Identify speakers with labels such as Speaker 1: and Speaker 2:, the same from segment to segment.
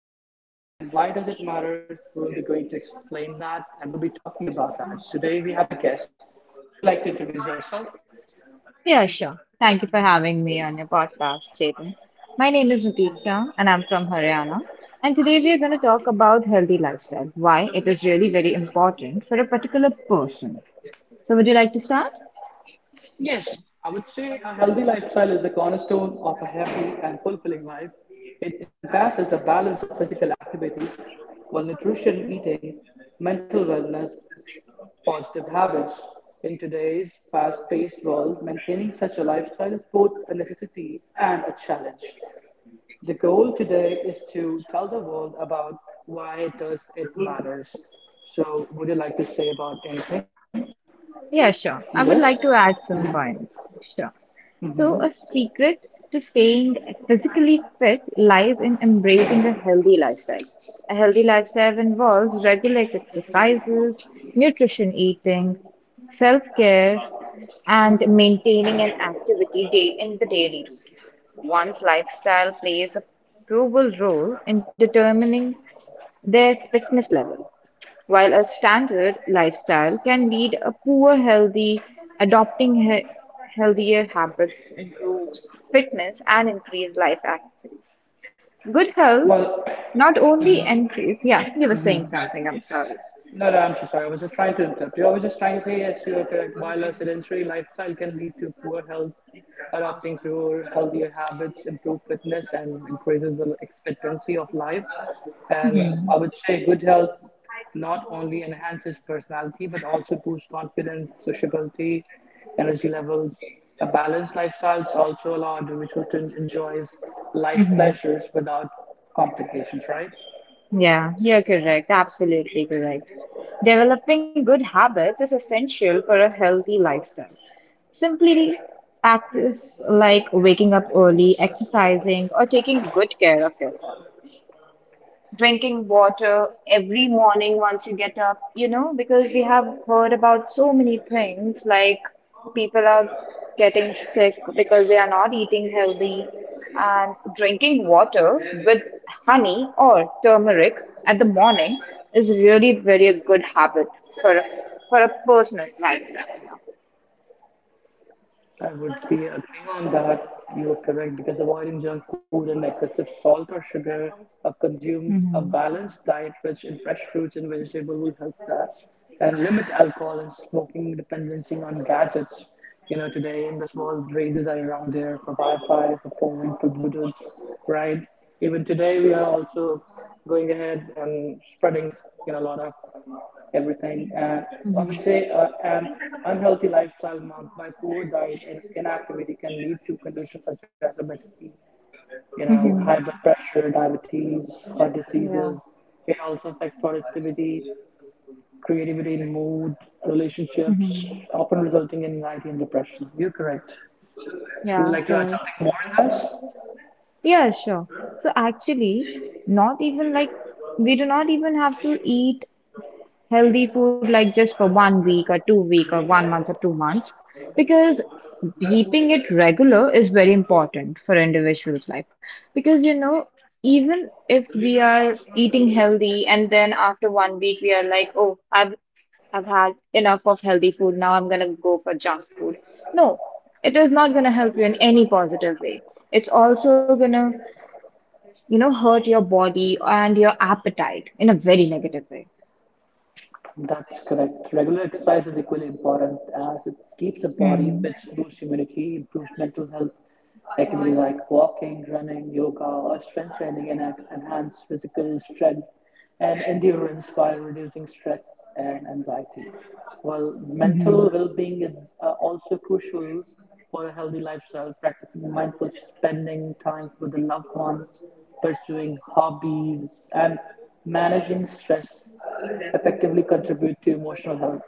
Speaker 1: matter and why does it matter. We'll be going to explain that and we'll be talking about that. Today we have a guest. Would you like to introduce yourself?
Speaker 2: Yeah, sure. Thank you for having me on your podcast, Chetan. My name is Natiksha and I'm from Haryana. And today we are going to talk about healthy lifestyle, why it is really very important for a particular person. So, would you like to start?
Speaker 1: Yes, I would say a healthy lifestyle is the cornerstone of a happy and fulfilling life. It encompasses a balance of physical activity, well nutrition, eating, mental wellness, positive habits. In today's fast paced world, maintaining such a lifestyle is both a necessity and a challenge. The goal today is to tell the world about why does it matters. So would you like to say about anything
Speaker 2: Yeah,
Speaker 1: in
Speaker 2: sure.
Speaker 1: this?
Speaker 2: I would like to add some points. Sure. So, a secret to staying physically fit lies in embracing a healthy lifestyle. A healthy lifestyle involves regular exercises, nutrition eating, self care, and maintaining an activity day in the daily routine. One's lifestyle plays a pivotal role in determining their fitness level while a standard lifestyle can lead a poor healthy, adopting healthier habits improves fitness and increase life accuracy. Good health
Speaker 1: Well,
Speaker 2: not only increase. Yeah, you were saying something. I'm sorry.
Speaker 1: no, no, I'm so sorry. I was just trying to interrupt you. I was just trying to say, yes, you are correct. While a sedentary lifestyle can lead to poor health, adopting to healthier habits improve fitness and increases the expectancy of life. And I would say good health not only enhances personality but also boosts confidence,
Speaker 2: Mhm.
Speaker 1: sociability, energy levels. A balanced lifestyle also allows individuals to enjoy life's
Speaker 2: Mhm.
Speaker 1: pleasures without complications, right?
Speaker 2: Yeah, you're correct. Absolutely correct. Developing good habits is essential for a healthy lifestyle. Simply practice like waking up early, exercising, or taking good care of yourself drinking water every morning once you get up, you know, because we have heard about so many things like people are getting sick because they are not eating healthy and drinking water with honey or turmeric at the morning is really very a good habit for a, for a personal lifestyle,
Speaker 1: I would be agreeing on that. You're correct because avoiding junk food and excessive salt or sugar consumes a
Speaker 2: know.
Speaker 1: balanced diet rich in fresh fruits and vegetables will help that. And limit alcohol and smoking dependency on gadgets. You know, today in this world, raises are around there for Wi-Fi, for phone, for Bluetooth, right? Even today, we are also going ahead and spreading, you know, a lot of everything. And I would say an unhealthy lifestyle marked by poor diet and inactivity can lead to conditions such as obesity, you know,
Speaker 2: Mhm.
Speaker 1: high blood pressure, diabetes, heart
Speaker 2: Yeah.
Speaker 1: diseases. It also affects productivity, creativity, mood,
Speaker 2: Mhm.
Speaker 1: relationships, often resulting in anxiety and depression. You're correct. You
Speaker 2: Yeah,
Speaker 1: would like to add
Speaker 2: correct.
Speaker 1: something more in this?
Speaker 2: Yeah, sure. So actually, not even like we do not even have to eat healthy food like just for 1 week or 2 week or 1 month or 2 months because keeping it regular is very important for individuals life because you know even if we are eating healthy and then after 1 week we are like oh I've had enough of healthy food, now I'm gonna go for junk food. No, it is not gonna help you in any positive way. It's also gonna, you know, hurt your body and your appetite in a very negative way.
Speaker 1: That's correct. Regular exercise is equally important as it keeps the body
Speaker 2: Hmm.
Speaker 1: fit, boosts immunity, improves mental health. Activities like walking, running, yoga, or strength training and enhance physical strength and endurance while reducing stress and anxiety. While mental well-being is also crucial for a healthy lifestyle, practicing mindful spending time with the loved ones, pursuing hobbies, and managing stress effectively contribute to emotional health.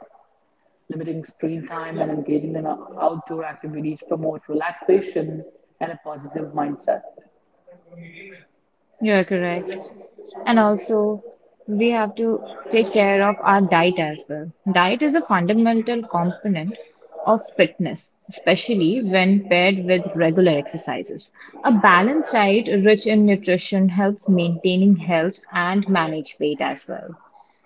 Speaker 1: Limiting screen time and engaging in outdoor activities promote relaxation and a positive mindset.
Speaker 2: You're correct. And also, we have to take care of our diet as well. Diet is a fundamental component of fitness, especially when paired with regular exercises. A balanced diet rich in nutrition helps maintaining health and manage weight as well.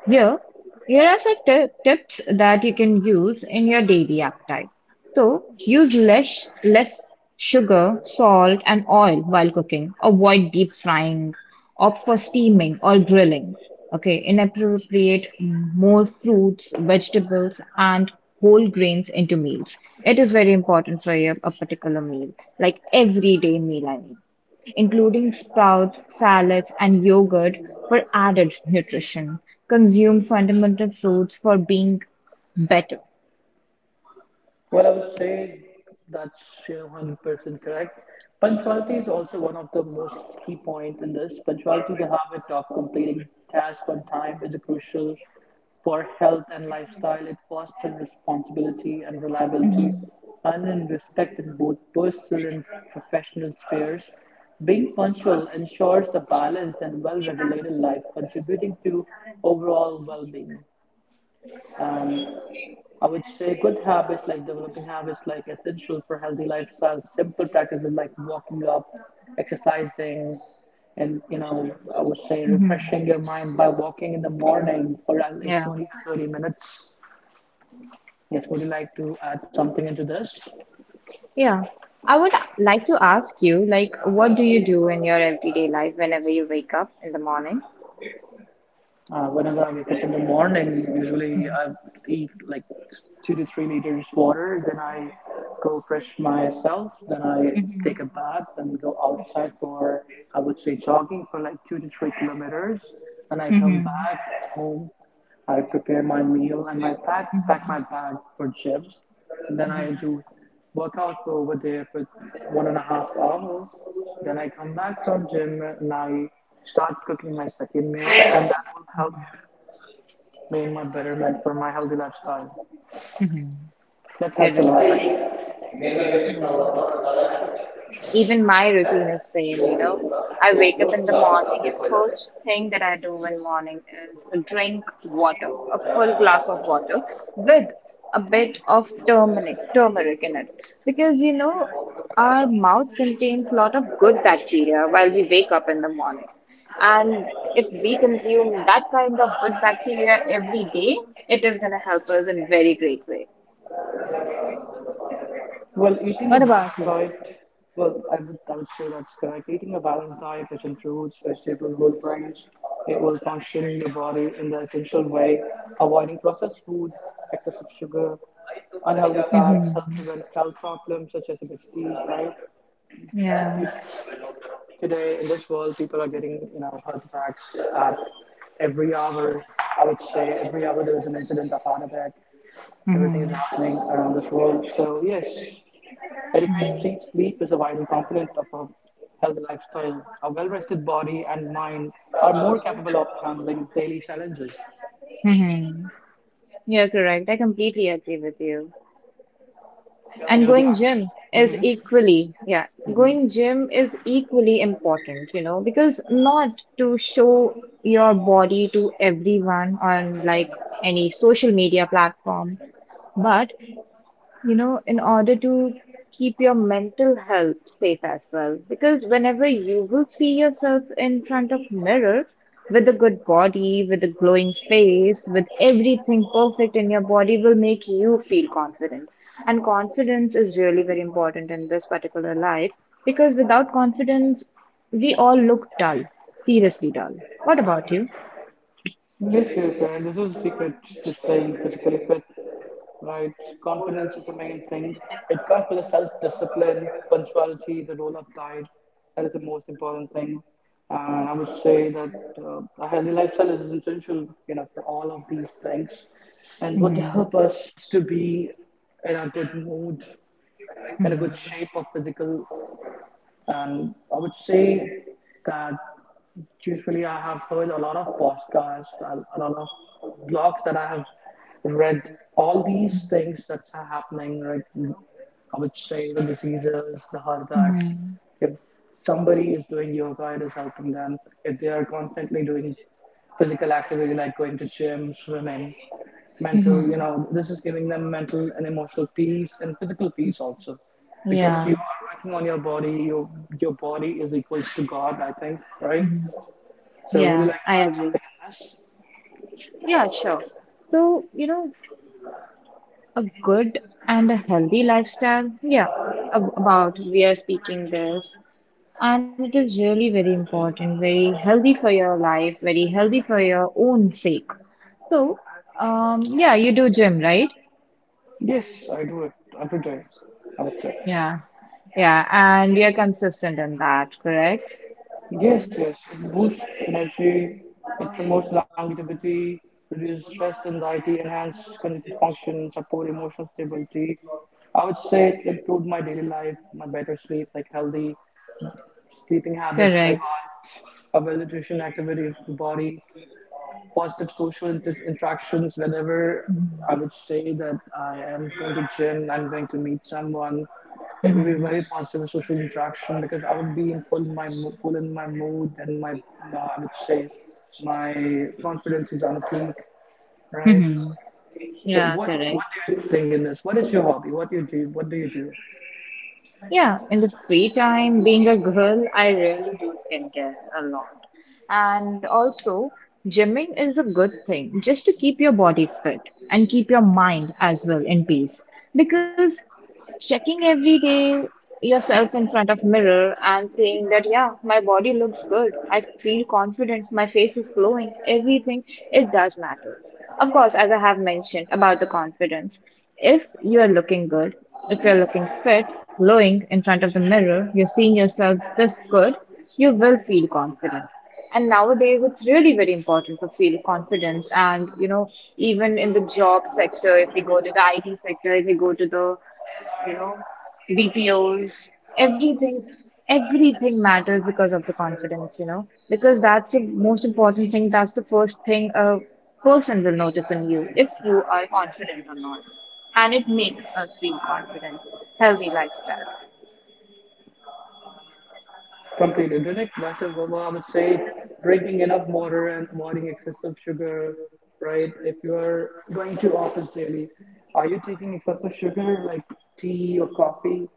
Speaker 2: Here, here are some tips that you can use in your daily appetite. So, use less sugar, salt, and oil while cooking. Avoid deep frying, opt for steaming or grilling. Okay, inappropriate more fruits, vegetables, and whole grains into meals. It is very important for your, a particular meal, like everyday meal, I mean including sprouts, salads, and yogurt for added nutrition. Consume fundamental fruits for being better.
Speaker 1: Well, I would say that's you know, 100% correct. Punctuality is also one of the most key point in this. Punctuality, the habit of completing tasks on time, is crucial for health and lifestyle. It fosters responsibility and reliability
Speaker 2: Mhm.
Speaker 1: and in respect in both personal and professional spheres. Being punctual ensures a balanced and well-regulated life, contributing to overall well-being. And I would say good habits, like developing habits, like essential for healthy lifestyle. Simple practices like walking up, exercising, and you know, I would say
Speaker 2: Mhm.
Speaker 1: refreshing your mind by walking in the morning for at least
Speaker 2: Yeah.
Speaker 1: 20 to 30 minutes. Yes, would you like to add something into this?
Speaker 2: Yeah. I would like to ask you, like, what do you do in your everyday life whenever you wake up in the morning?
Speaker 1: Whenever I wake up in the morning, usually I eat like 2 to 3 liters water. Then I go fresh myself. Then I take a bath and go outside for I would say jogging for like 2 to 3 kilometers. Then
Speaker 2: Mm-hmm.
Speaker 1: I come
Speaker 2: Mm-hmm.
Speaker 1: back home. I prepare my meal and my pack my bag for gym. And then I do workout for over there for one and a half hours. Then I come back from gym and I start cooking my second meal, and that will help me in my betterment for my healthy lifestyle.
Speaker 2: Mm-hmm.
Speaker 1: That helps a
Speaker 2: Correct. Even my routine is same, you know. I wake up in the morning and first thing that I do in morning is drink water, a full glass of water with a bit of turmeric in it. Because you know, our mouth contains a lot of good
Speaker 1: lot.
Speaker 2: bacteria while we wake up in the morning. And if we consume that kind of good bacteria every day, it is going to help us in very great way.
Speaker 1: Well, eating a
Speaker 2: What about
Speaker 1: balanced
Speaker 2: you?
Speaker 1: diet, well, I would say that's correct. Eating a balanced diet, which includes vegetable, whole grains, it will function your body in the essential way, avoiding processed food, excessive sugar, unhealthy fats,
Speaker 2: Mm-hmm.
Speaker 1: help prevent health problems such as obesity, right?
Speaker 2: Yeah.
Speaker 1: You today, in this world, people are getting, you know, heart attacks at every hour. I would say every hour there is an incident of heart attack. Everything
Speaker 2: Mm-hmm.
Speaker 1: is happening around this world. So yes, adequate sleep, sleep is a vital component of a healthy lifestyle. A well-rested body and mind are more capable of handling daily challenges.
Speaker 2: Mhm. Mhm. You're correct. I completely agree with you. And
Speaker 1: Would you?
Speaker 2: going gym is equally, yeah,
Speaker 1: Mhm.
Speaker 2: going gym is equally important, you know, because not to show your body to everyone on like any social media platform, but you know, in order to keep your mental health safe as well. Because whenever you will see yourself in front of mirror with a good body, with a glowing face, with everything perfect in your body will make you feel confident. And confidence is really very important in this particular life because without confidence, we all look dull, seriously dull. What about you?
Speaker 1: Yes, yes, and this is the secret to staying physically fit, right? Confidence is the main thing. It comes with the self-discipline, punctuality, the roll-up diet. That is the most important thing. And I would say that a healthy lifestyle is essential, you know, for all of these things, and
Speaker 2: Mhm.
Speaker 1: would
Speaker 2: Mhm.
Speaker 1: help us to be in a good mood, in a good shape of physical. And I would say that usually I have heard a lot of podcasts, a lot of blogs that I have read. All these things that's happening, right? I would
Speaker 2: Mhm.
Speaker 1: say the diseases, the heart attacks.
Speaker 2: Mhm.
Speaker 1: If somebody is doing yoga, it is helping them. If they are constantly doing physical activity like going to gym, swimming,
Speaker 2: Mhm.
Speaker 1: mental you know this is giving them mental and emotional peace and physical peace also because you
Speaker 2: Yeah.
Speaker 1: are working on your body, your body is equals to god, I think, right?
Speaker 2: Mhm.
Speaker 1: So
Speaker 2: Yeah,
Speaker 1: would you like
Speaker 2: I
Speaker 1: to
Speaker 2: agree.
Speaker 1: add something
Speaker 2: Yeah, sure. So, you know, a good and a healthy lifestyle, yeah, about we are speaking this. And it is really very important, very healthy for your life, very healthy for your own sake. So, yeah, you do gym, right?
Speaker 1: in this? Yes, I do it every day, I would say.
Speaker 2: Yeah, yeah, and you're consistent in that, correct?
Speaker 1: Yes, yes, it boosts energy, it promotes longevity, reduces stress, anxiety, enhance cognitive function, support emotional stability. I would say it improved my daily life, my better sleep, like healthy. Sleeping habits, like
Speaker 2: Correct.
Speaker 1: arts, a well-nutritioned activity of the body, positive social interactions. Whenever I would say that I am going to gym, I'm going to meet someone, it will be very positive social interaction because I would be in full my full in my mood and my I would say my confidence is on a peak, right? So what
Speaker 2: Correct.
Speaker 1: do you think in this? What is your hobby? What do you do?
Speaker 2: Yeah, in the free time, being a girl, I really do skincare a lot. And also, gymming is a good thing just to keep your body fit and keep your mind as well in peace. Because checking every day yourself in front of mirror and saying that yeah my body looks good, I feel confidence, my face is glowing, everything, it does matters, of course, as I have mentioned about the confidence, if you are looking good, if you're looking fit, glowing in front of the mirror, you're seeing yourself this good, you will feel confident. And nowadays, it's really very important to feel confidence. And, you know, even in the job sector, if we go to the IT sector, if we go to the you know, BPOs, everything, everything matters because of the confidence, you know, because that's the most important thing. That's the first thing a person will notice in you if you are confident or not. And it makes us feel confident, healthy lifestyle.
Speaker 1: Complete interdict. Myself, Wilma, I would say drinking enough water and avoiding excessive sugar, right? If you are going to office daily, are you taking excessive sugar like tea or coffee?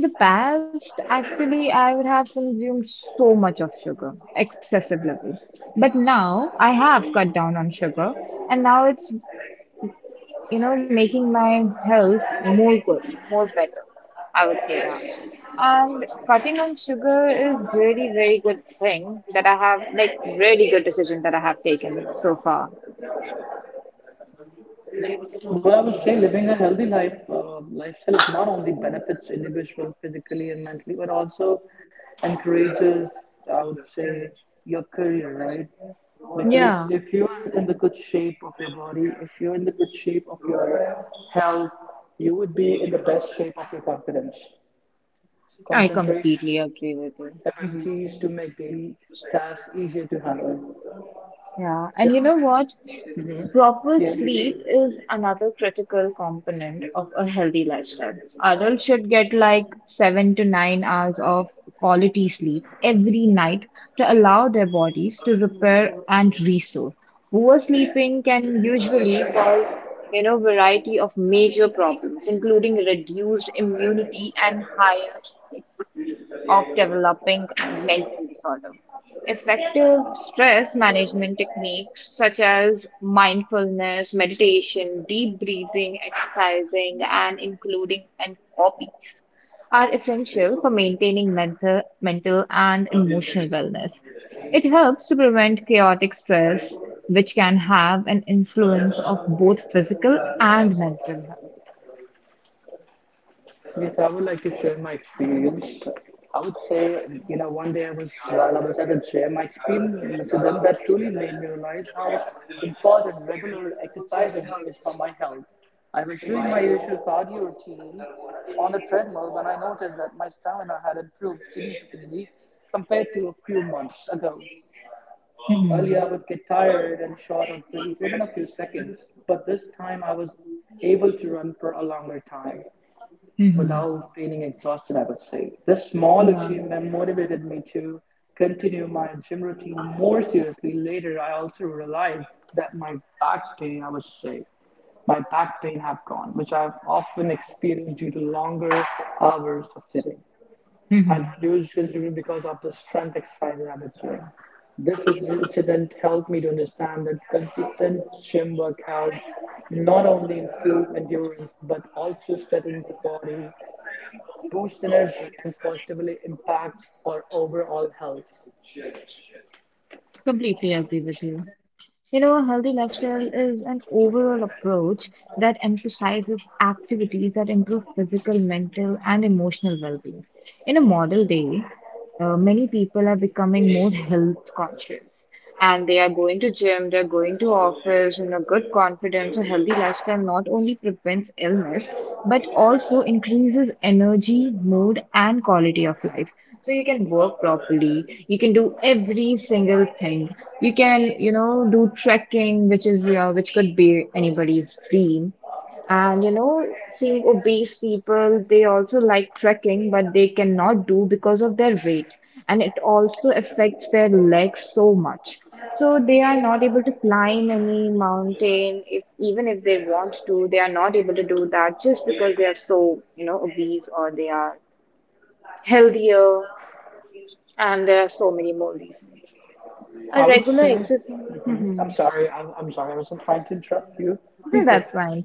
Speaker 2: In the past, actually, I would have consumed so much of sugar, excessive levels. But now I have cut down on sugar, and now it's you know, making my health more good, more better. I would say that. And cutting on sugar is really very good thing that I have, like really good decision that I have taken so far.
Speaker 1: But I would say living a healthy life lifestyle is not only benefits individual physically and mentally, but also encourages, I would say, your career, right? Because
Speaker 2: Yeah,
Speaker 1: if you're in the good shape of your body, if you're in the good shape of your health, you would be in the best shape of your confidence,
Speaker 2: I
Speaker 1: concentration,
Speaker 2: completely agree with you. Mhm.
Speaker 1: abilities to make daily tasks easier to handle.
Speaker 2: Yeah,
Speaker 1: So,
Speaker 2: and you know what?
Speaker 1: hmm,
Speaker 2: Proper
Speaker 1: yeah.
Speaker 2: sleep is another critical component of a healthy lifestyle. Adults should get like 7 to 9 hours of quality sleep every night to allow their bodies to repair and restore. Oversleeping can usually cause, you know, variety of major problems, including reduced immunity and higher risk of developing mental disorder. Effective stress management techniques such as mindfulness, meditation, deep breathing, exercising, and including an hobby are essential for maintaining mental and emotional wellness. It helps to prevent chaotic stress, which can have an influence of both physical and mental health.
Speaker 1: Yes, I would like to share my experience. I would say, you know, one day I was, while I was at a gym, I experienced an incident that truly made me realize how important regular exercise is, for my health. I was doing my usual cardio routine on the treadmill when I noticed that my stamina had improved significantly compared to a few months ago. Earlier, I would get tired and short of breath within a few seconds, but this time I was able to run for a longer time
Speaker 2: Mhm.
Speaker 1: without feeling exhausted, I would say. This small
Speaker 2: Yeah.
Speaker 1: achievement motivated me to continue my gym routine more seriously. Later, I also realized that my back pain, I would say, my back pain have gone, which I've often experienced due to longer hours of sitting,
Speaker 2: Mhm.
Speaker 1: had reduced considerably because of the strength exercises I've been doing. This incident helped me to understand that consistent gym workouts not only improve endurance but also strengthens the body, boosts energy and positively impacts our overall health.
Speaker 2: Completely agree with you. You know, a healthy lifestyle is an overall approach that emphasizes activities that improve physical, mental, and emotional well being. In a modern day, many people are becoming more health conscious and they are going to gym, they're going to office in a good confidence. A healthy lifestyle not only prevents illness but also increases energy, mood, and quality of life. So you can work properly, you can do every single thing. You can, you know, do trekking, which is your, which could be anybody's dream. And you know, seeing obese people, they also like trekking, but they cannot do because of their weight. And it also affects their legs so much. So they are not able to climb any mountain if even if they want to, they are not able to do that just because they are so, you know, obese or they are healthier and there are so many more reasons. A
Speaker 1: I would
Speaker 2: regular
Speaker 1: say,
Speaker 2: exercise. Mhm.
Speaker 1: I'm sorry, I'm sorry, I wasn't trying to interrupt you.
Speaker 2: Yeah,
Speaker 1: Please go.
Speaker 2: that's fine.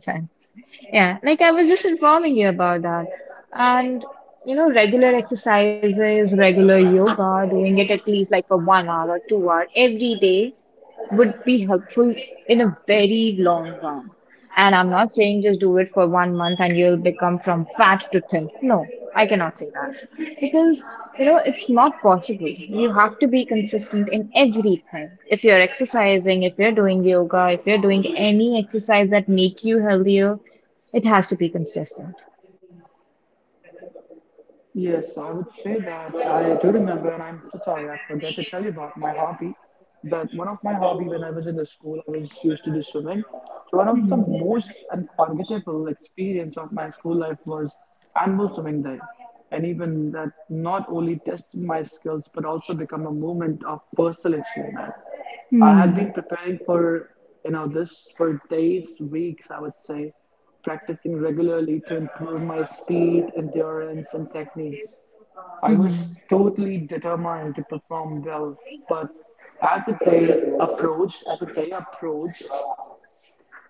Speaker 2: Yeah, like I was just informing you about that. And, you know, regular exercises, regular yoga, doing it at least like for 1 hour or 2 hour every day would be helpful in a very long run. And I'm not saying just do it for 1 month and you'll become from fat to thin. No, I cannot say that. Because, you know, it's not possible. You have to be consistent in everything. If you're exercising, if you're doing yoga, if you're doing any exercise that make you healthier, it has to be consistent.
Speaker 1: Yes, I would say that I do remember, and I'm so sorry, I forget to tell you about my hobby. That one of my hobby when I was in the school, I was used to do swimming. So one
Speaker 2: Hmm.
Speaker 1: of the
Speaker 2: Hmm.
Speaker 1: most
Speaker 2: Hmm.
Speaker 1: unforgettable experience of my school life was annual swimming day, and even that not only tested my skills but also become a moment of personal achievement. I had been
Speaker 2: Hmm.
Speaker 1: preparing for you know this for days, weeks, I would say, practicing regularly to improve my speed, endurance, and techniques. I was
Speaker 2: Hmm.
Speaker 1: totally determined to perform well, but as the day as the day approached,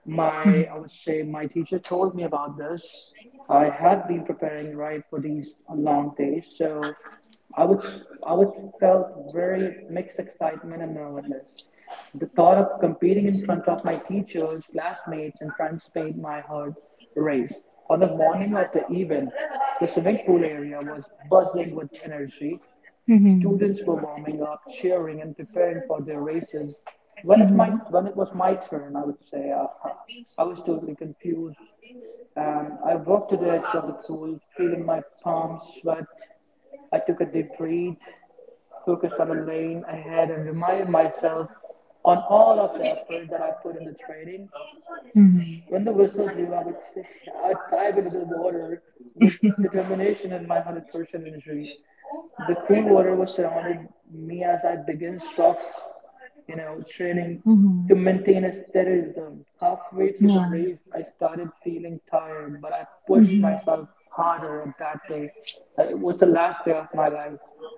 Speaker 1: my I would say my teacher told me about this. I had been preparing right for these long days, so I would I would felt very mixed excitement and nervousness. The thought of competing in front of my teachers, classmates, and friends made my heart race. On the morning of the event, the swimming pool area was buzzing with energy.
Speaker 2: Hmm.
Speaker 1: Students were warming up, cheering, and preparing for their races. When it was my turn, I would say I was totally confused. And I walked to the edge of the pool, feeling my palms sweat. I took a deep breath, focused on the lane ahead, and reminded myself on all of the effort that I put in the training. When the whistle blew, I would say, I'd dive into the water with determination and my 100% energy. The cool water was surrounded me as I began strokes, training
Speaker 2: Hmm. Hmm.
Speaker 1: to maintain a steady rhythm. Halfway through the
Speaker 2: Yeah.
Speaker 1: race, I started feeling tired, but I pushed
Speaker 2: Mm-hmm.
Speaker 1: myself harder on that day. It was the last day of my life,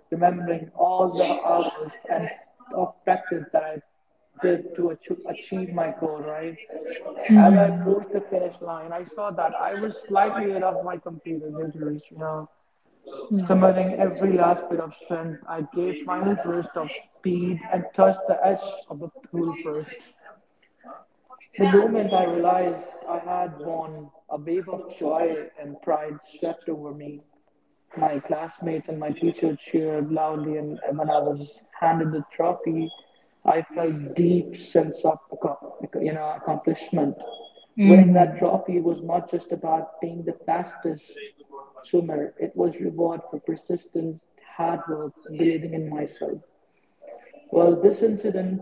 Speaker 1: remembering all the hours and of practice that I did to achieve my goal, right? As I
Speaker 2: Mm-hmm.
Speaker 1: approached the finish line, I saw that I was slightly ahead of my competitors, you know,
Speaker 2: Yeah.
Speaker 1: summoning every last bit of strength. I gave final burst of speed and touched the edge of the pool first. The moment I realized I had won, a wave of joy and pride swept over me. My classmates and my teachers cheered loudly, and when I was handed the trophy, I felt deep sense of accomplishment. Winning that
Speaker 2: Mm-hmm.
Speaker 1: trophy was not just about being the fastest swimmer; it was reward for persistence, hard work, believing in myself. Well, this incident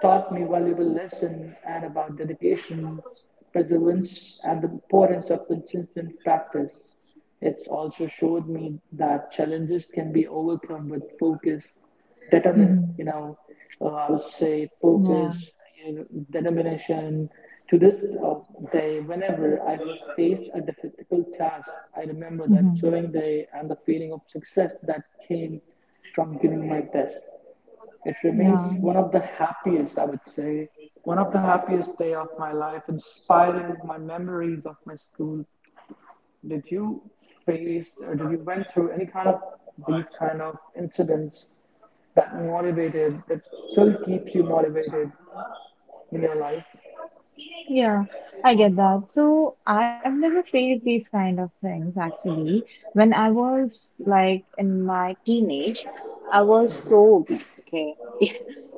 Speaker 1: taught me valuable lesson and about dedication, perseverance, and the importance of consistent practice. It's also showed me that challenges can be overcome with focus, determin,
Speaker 2: Mm-hmm.
Speaker 1: you know, I would say
Speaker 2: Yeah.
Speaker 1: focus, determination. To this day, whenever I face a difficult task, I remember
Speaker 2: Mm-hmm.
Speaker 1: that chilling day and the feeling of success that came from giving my best. It remains
Speaker 2: Yeah.
Speaker 1: one of the happiest, I would say, one of the happiest day of my life, inspiring my memories of my school. Did you face or did you went through any kind of these kind of incidents that motivated that still keeps you motivated in your life?
Speaker 2: Yeah, I get that. So I've never faced these kind of things actually. When I was like in my teenage, I was so obese, okay?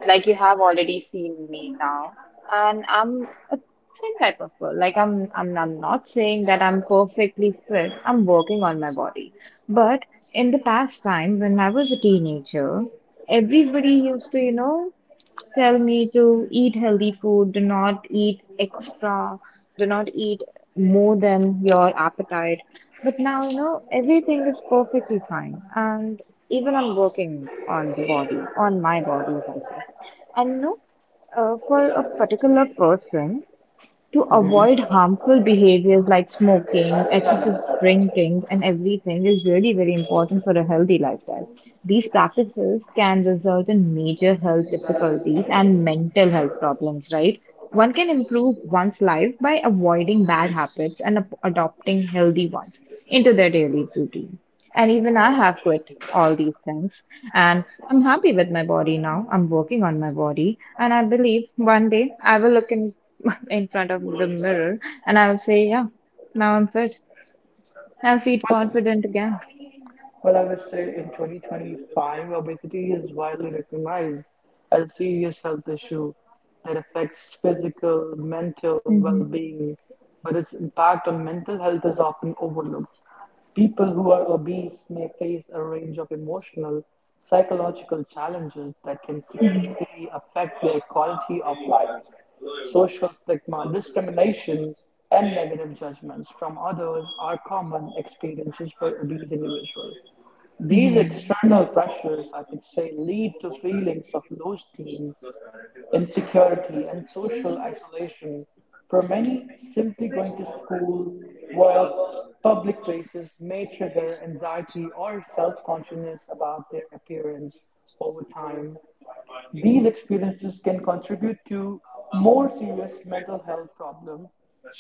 Speaker 2: Like you have already seen me now. And I'm a thin type of girl. Like I'm not saying that I'm perfectly fit. I'm working on my body. But in the past time when I was a teenager, everybody used to, you know, tell me to eat healthy food, do not eat extra, do not eat more than your appetite. But now, you know, everything is perfectly fine. And even I'm working on the body, on my body, if I say. And, you know, for a particular person, to avoid harmful behaviors like smoking, excessive drinking, and everything is really very important for a healthy lifestyle. These practices can result in major health difficulties and mental health problems, right? One can improve one's life by avoiding bad habits and adopting healthy ones into their daily routine. And even I have quit all these things, and I'm happy with my body now. I'm working on my body, and I believe one day I will look in in front of the mirror and I'll say, yeah, now I'm fit. I'll feel
Speaker 1: Well,
Speaker 2: confident again.
Speaker 1: Well, I would say in 2025, obesity is widely recognized as a serious health issue that affects physical, mental
Speaker 2: Mhm.
Speaker 1: well-being, but its impact on mental health is often overlooked. People who are obese may face a range of emotional, psychological challenges that can
Speaker 2: Mhm.
Speaker 1: significantly affect their quality of life. Social stigma, discrimination, and negative judgments from others are common experiences for obese individuals. These external pressures, I could say, lead to feelings of low esteem, insecurity, and social
Speaker 2: Mhm.
Speaker 1: isolation. For many, simply going to school, work, public places may trigger anxiety or self consciousness about their appearance over time. These experiences can contribute to more serious mental health problems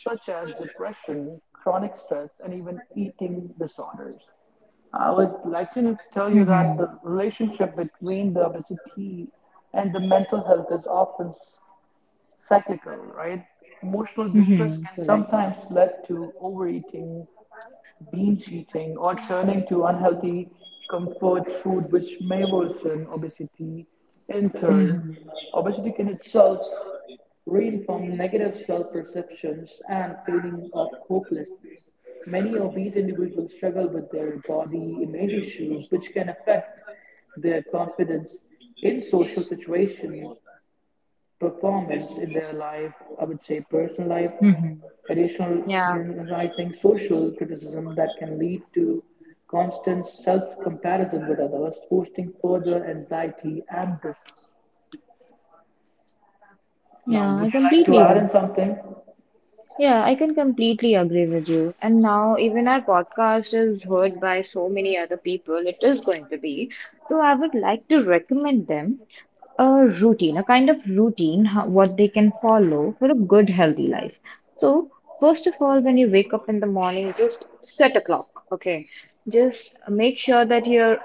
Speaker 1: such as depression, chronic stress, and even eating disorders. I would like to tell you that
Speaker 2: Mhm.
Speaker 1: the relationship between the obesity and the mental health is often cyclical, right? Emotional distress
Speaker 2: Mhm.
Speaker 1: can
Speaker 2: Correct.
Speaker 1: sometimes lead to overeating, binge eating or turning to unhealthy comfort food which may worsen obesity in turn
Speaker 2: Mhm.
Speaker 1: obesity can itself read from negative self-perceptions and feeling of hopelessness many obese individuals struggle with their body image issues which can affect their confidence in social situations performance in their life, I would say personal life,
Speaker 2: Mhm.
Speaker 1: additional
Speaker 2: Yeah.
Speaker 1: internalizing social criticism that can lead to constant self comparison with others, posting further anxiety and this. Now,
Speaker 2: Yeah.
Speaker 1: would
Speaker 2: I
Speaker 1: you like to
Speaker 2: completely
Speaker 1: add in
Speaker 2: do.
Speaker 1: something?
Speaker 2: Yeah, I can completely agree with you. And now, even our podcast is heard by so many other people, it is going to be. So, I would like to recommend them a routine, a kind of routine, what they can follow for a good, healthy life. So, first of all, when you wake up in the morning, just set a clock, okay? Just make sure that you're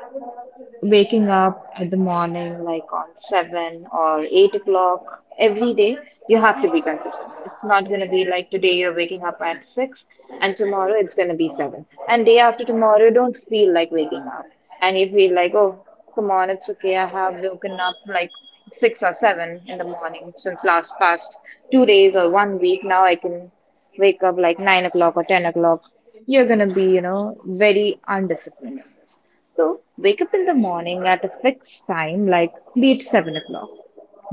Speaker 2: waking up at the morning, like on 7 or 8 o'clock every day. You have to be consistent. It's not going to be like today you're waking up at 6 and tomorrow it's going to be 7. And day after tomorrow, you don't feel like waking up. And you feel like, oh, come on, it's okay. I have woken up like six or seven in the morning since last past 2 days or one week. Now I can wake up like 9 o'clock or 10 o'clock. You're gonna be, very undisciplined in this. So wake up in the morning at a fixed time, like be it 7 o'clock.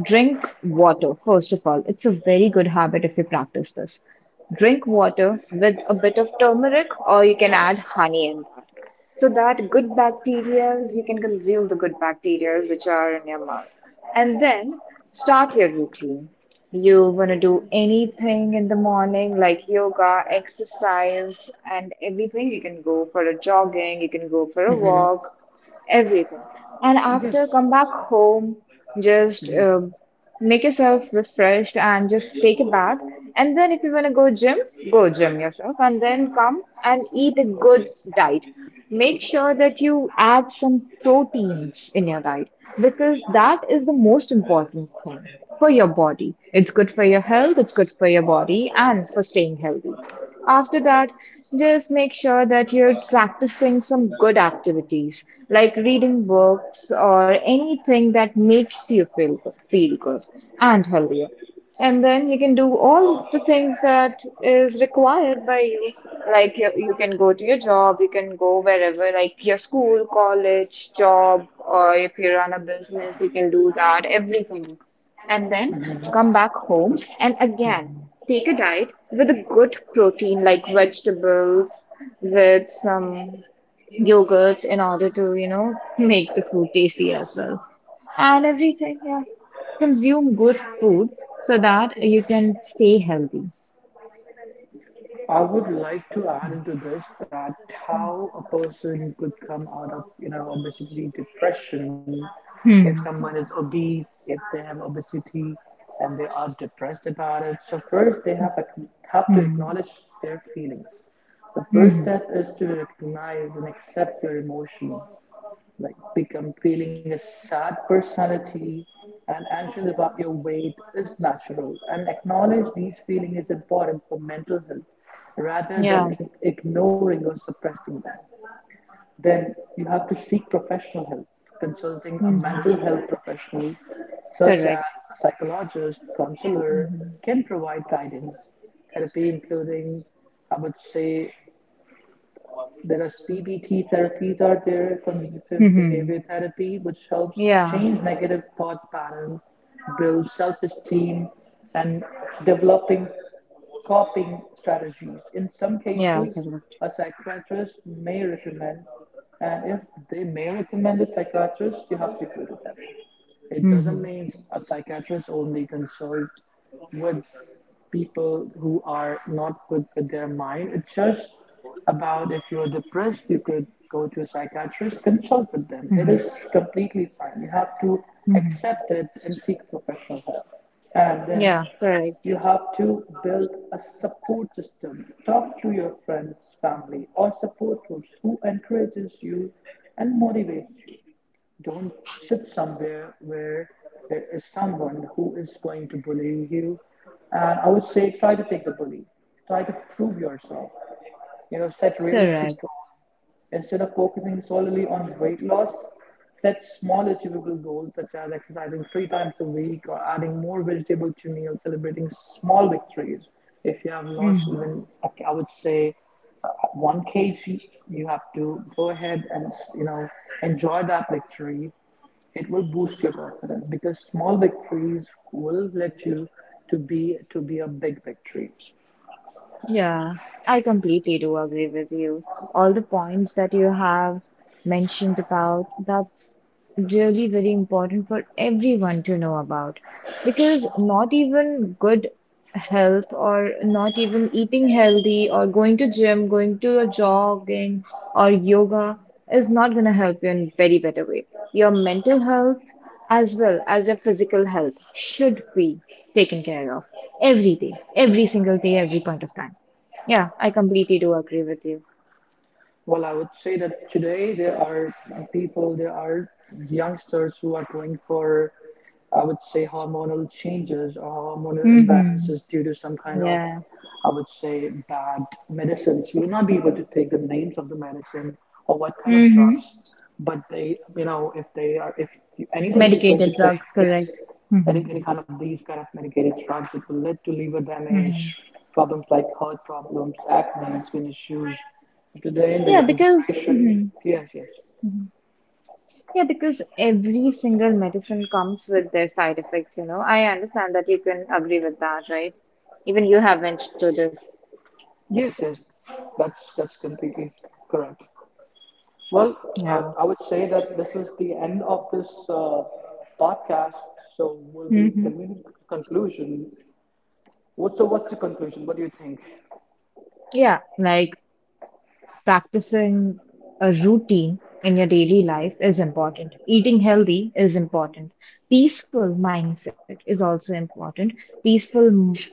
Speaker 2: Drink water, first of all. It's a very good habit if you practice this. Drink water with a bit of turmeric, or you can add honey in that. So that good bacteria, you can consume the good bacteria which are in your mouth. And then start your routine. You want to do anything in the morning like yoga, exercise, and everything. You can go for a jogging, you can go for a
Speaker 1: Hmm.
Speaker 2: walk, everything. And
Speaker 1: Yes.
Speaker 2: after, come back home, just make yourself refreshed and just take a bath and then if you wanna go gym yourself and then come and eat a good diet. Make sure that you add some proteins in your diet because that is the most important thing for your body. It's good for your health, it's good for your body and for staying healthy. After that, just make sure that you're practicing some good activities like reading books or anything that makes you feel good and healthier. And then you can do all the things that is required by you. Like you can go to your job, you can go wherever, like your school, college, job, or if you run a business, you can do that, everything. And then come back home and again take a diet with a good protein like vegetables, with some yogurts in order to make the food tasty as well and every time, yeah, consume good food so that you can stay healthy.
Speaker 1: I would like to add into this that how a person could come out of, you know, obesity depression if
Speaker 2: Hmm.
Speaker 1: someone is obese, if they have obesity and they are depressed about it. So first they have to
Speaker 2: Hmm.
Speaker 1: acknowledge their feelings. The first
Speaker 2: Hmm.
Speaker 1: step is to recognize and accept your emotion like become feeling a sad personality and anxious about your weight is natural and acknowledge these feelings is important for mental health rather than
Speaker 2: Yeah.
Speaker 1: ignoring or suppressing them then you have to seek professional help consulting a
Speaker 2: Hmm.
Speaker 1: mental health professional such as
Speaker 2: Correct.
Speaker 1: a psychologist counselor can provide guidance therapy including I would say there are CBT therapies out there, cognitive
Speaker 2: Hmm.
Speaker 1: behavior therapy, which helps
Speaker 2: Yeah.
Speaker 1: change negative thought patterns, build self-esteem, and developing coping strategies. In some
Speaker 2: Yeah.
Speaker 1: cases,
Speaker 2: Correct.
Speaker 1: a psychiatrist may recommend, and if they may recommend a psychiatrist, you have to go to them. It doesn't
Speaker 2: Mhm.
Speaker 1: mean a psychiatrist only consult with people who are not good with their mind. It's just about if you're depressed, you could go to a psychiatrist, consult with them. It
Speaker 2: Mhm.
Speaker 1: is completely fine. You have to
Speaker 2: Mhm.
Speaker 1: accept it and seek professional help. And
Speaker 2: Yeah,
Speaker 1: then
Speaker 2: correct.
Speaker 1: you have to build a support system. Talk to your friends, family, or support groups who encourages you and motivates you. Don't sit somewhere where there is someone who is going to bully you. And I would say try to take the bully. Try to prove yourself. You know, set
Speaker 2: Correct.
Speaker 1: realistic goals. Instead of focusing solely on weight loss, set small achievable goals such as exercising 3 times a week or adding more vegetables to meals, celebrating small victories. If you have lost
Speaker 2: Mhm.
Speaker 1: even, I would say one case you, you have to go ahead and you know enjoy that victory it will boost your confidence because small victories will let you to be a big victory.
Speaker 2: Yeah, I completely do agree with you. All the points that you have mentioned about, that's really very important for everyone to know about. Because not even good health or not even eating healthy or going to gym, going to a jogging or yoga is not going to help you in very better way. Your mental health as well as your physical health should be taken care of every day, every single day, every point of time. Yeah, I completely do agree with you.
Speaker 1: Well, I would say that today there are people, there are youngsters who are going for, I would say, hormonal changes or hormonal
Speaker 2: Mm-hmm.
Speaker 1: imbalances due to some kind of,
Speaker 2: Yeah.
Speaker 1: I would say, bad medicines. We will not be able to take the names of the medicine or what kind of drugs,
Speaker 2: Mm-hmm.
Speaker 1: but they, you know, if they are, if anybody is going to
Speaker 2: Medicated
Speaker 1: take,
Speaker 2: drugs,
Speaker 1: yes,
Speaker 2: correct.
Speaker 1: any,
Speaker 2: Mm-hmm.
Speaker 1: any kind of these kind of medicated drugs, it will lead to liver damage,
Speaker 2: Mm-hmm.
Speaker 1: problems like heart problems, acne, skin issues. Today in the
Speaker 2: Yeah,
Speaker 1: young
Speaker 2: because
Speaker 1: generation,
Speaker 2: Mm-hmm.
Speaker 1: yes, yes,
Speaker 2: Yeah, because every single medicine comes with their side effects. I understand that you can agree with that, right? Even you have went through this.
Speaker 1: yes, that's completely correct. Well, I would say that this is the end of this podcast. So will be
Speaker 2: Hmm.
Speaker 1: conclusion. What's the conclusion? What do you think?
Speaker 2: Yeah, like practicing a routine in your daily life is important. Eating healthy is important. Peaceful mindset is also important. Peaceful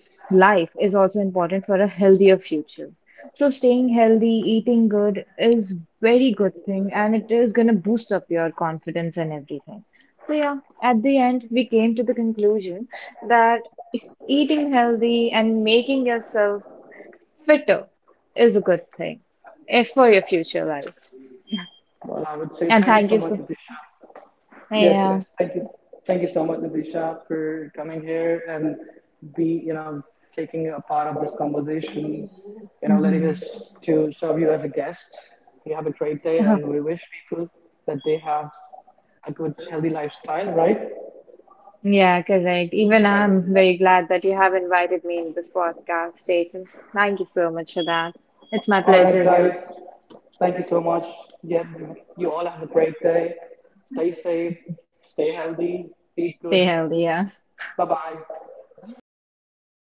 Speaker 2: life is also important for a healthier future. So staying healthy, eating good is very good thing and it is going to boost up your confidence and everything. So yeah, at the end we came to the conclusion that eating healthy and making yourself fitter is a good thing if for your future life.
Speaker 1: Well, I would say
Speaker 2: And
Speaker 1: thank you
Speaker 2: thank
Speaker 1: so
Speaker 2: you
Speaker 1: much,
Speaker 2: so
Speaker 1: Atisha. Yes,
Speaker 2: yeah.
Speaker 1: yes. Thank you. Thank you so much, Nadisha, for coming here and be, you know, taking a part of this conversation, you know, letting
Speaker 2: Hmm.
Speaker 1: us to serve you as a guest. You have a great day
Speaker 2: Uh-huh.
Speaker 1: and we wish people that they have a good healthy lifestyle, right?
Speaker 2: Yeah, correct. Even I'm very glad that you have invited me in this podcast, Jason. Thank you so much for that. It's my
Speaker 1: All right,
Speaker 2: pleasure
Speaker 1: guys.
Speaker 2: here.
Speaker 1: Thank you so much. Yeah, you all have a great day. Stay safe, stay healthy, eat good.
Speaker 2: Stay healthy, yeah.
Speaker 1: Bye bye.
Speaker 2: Bye bye.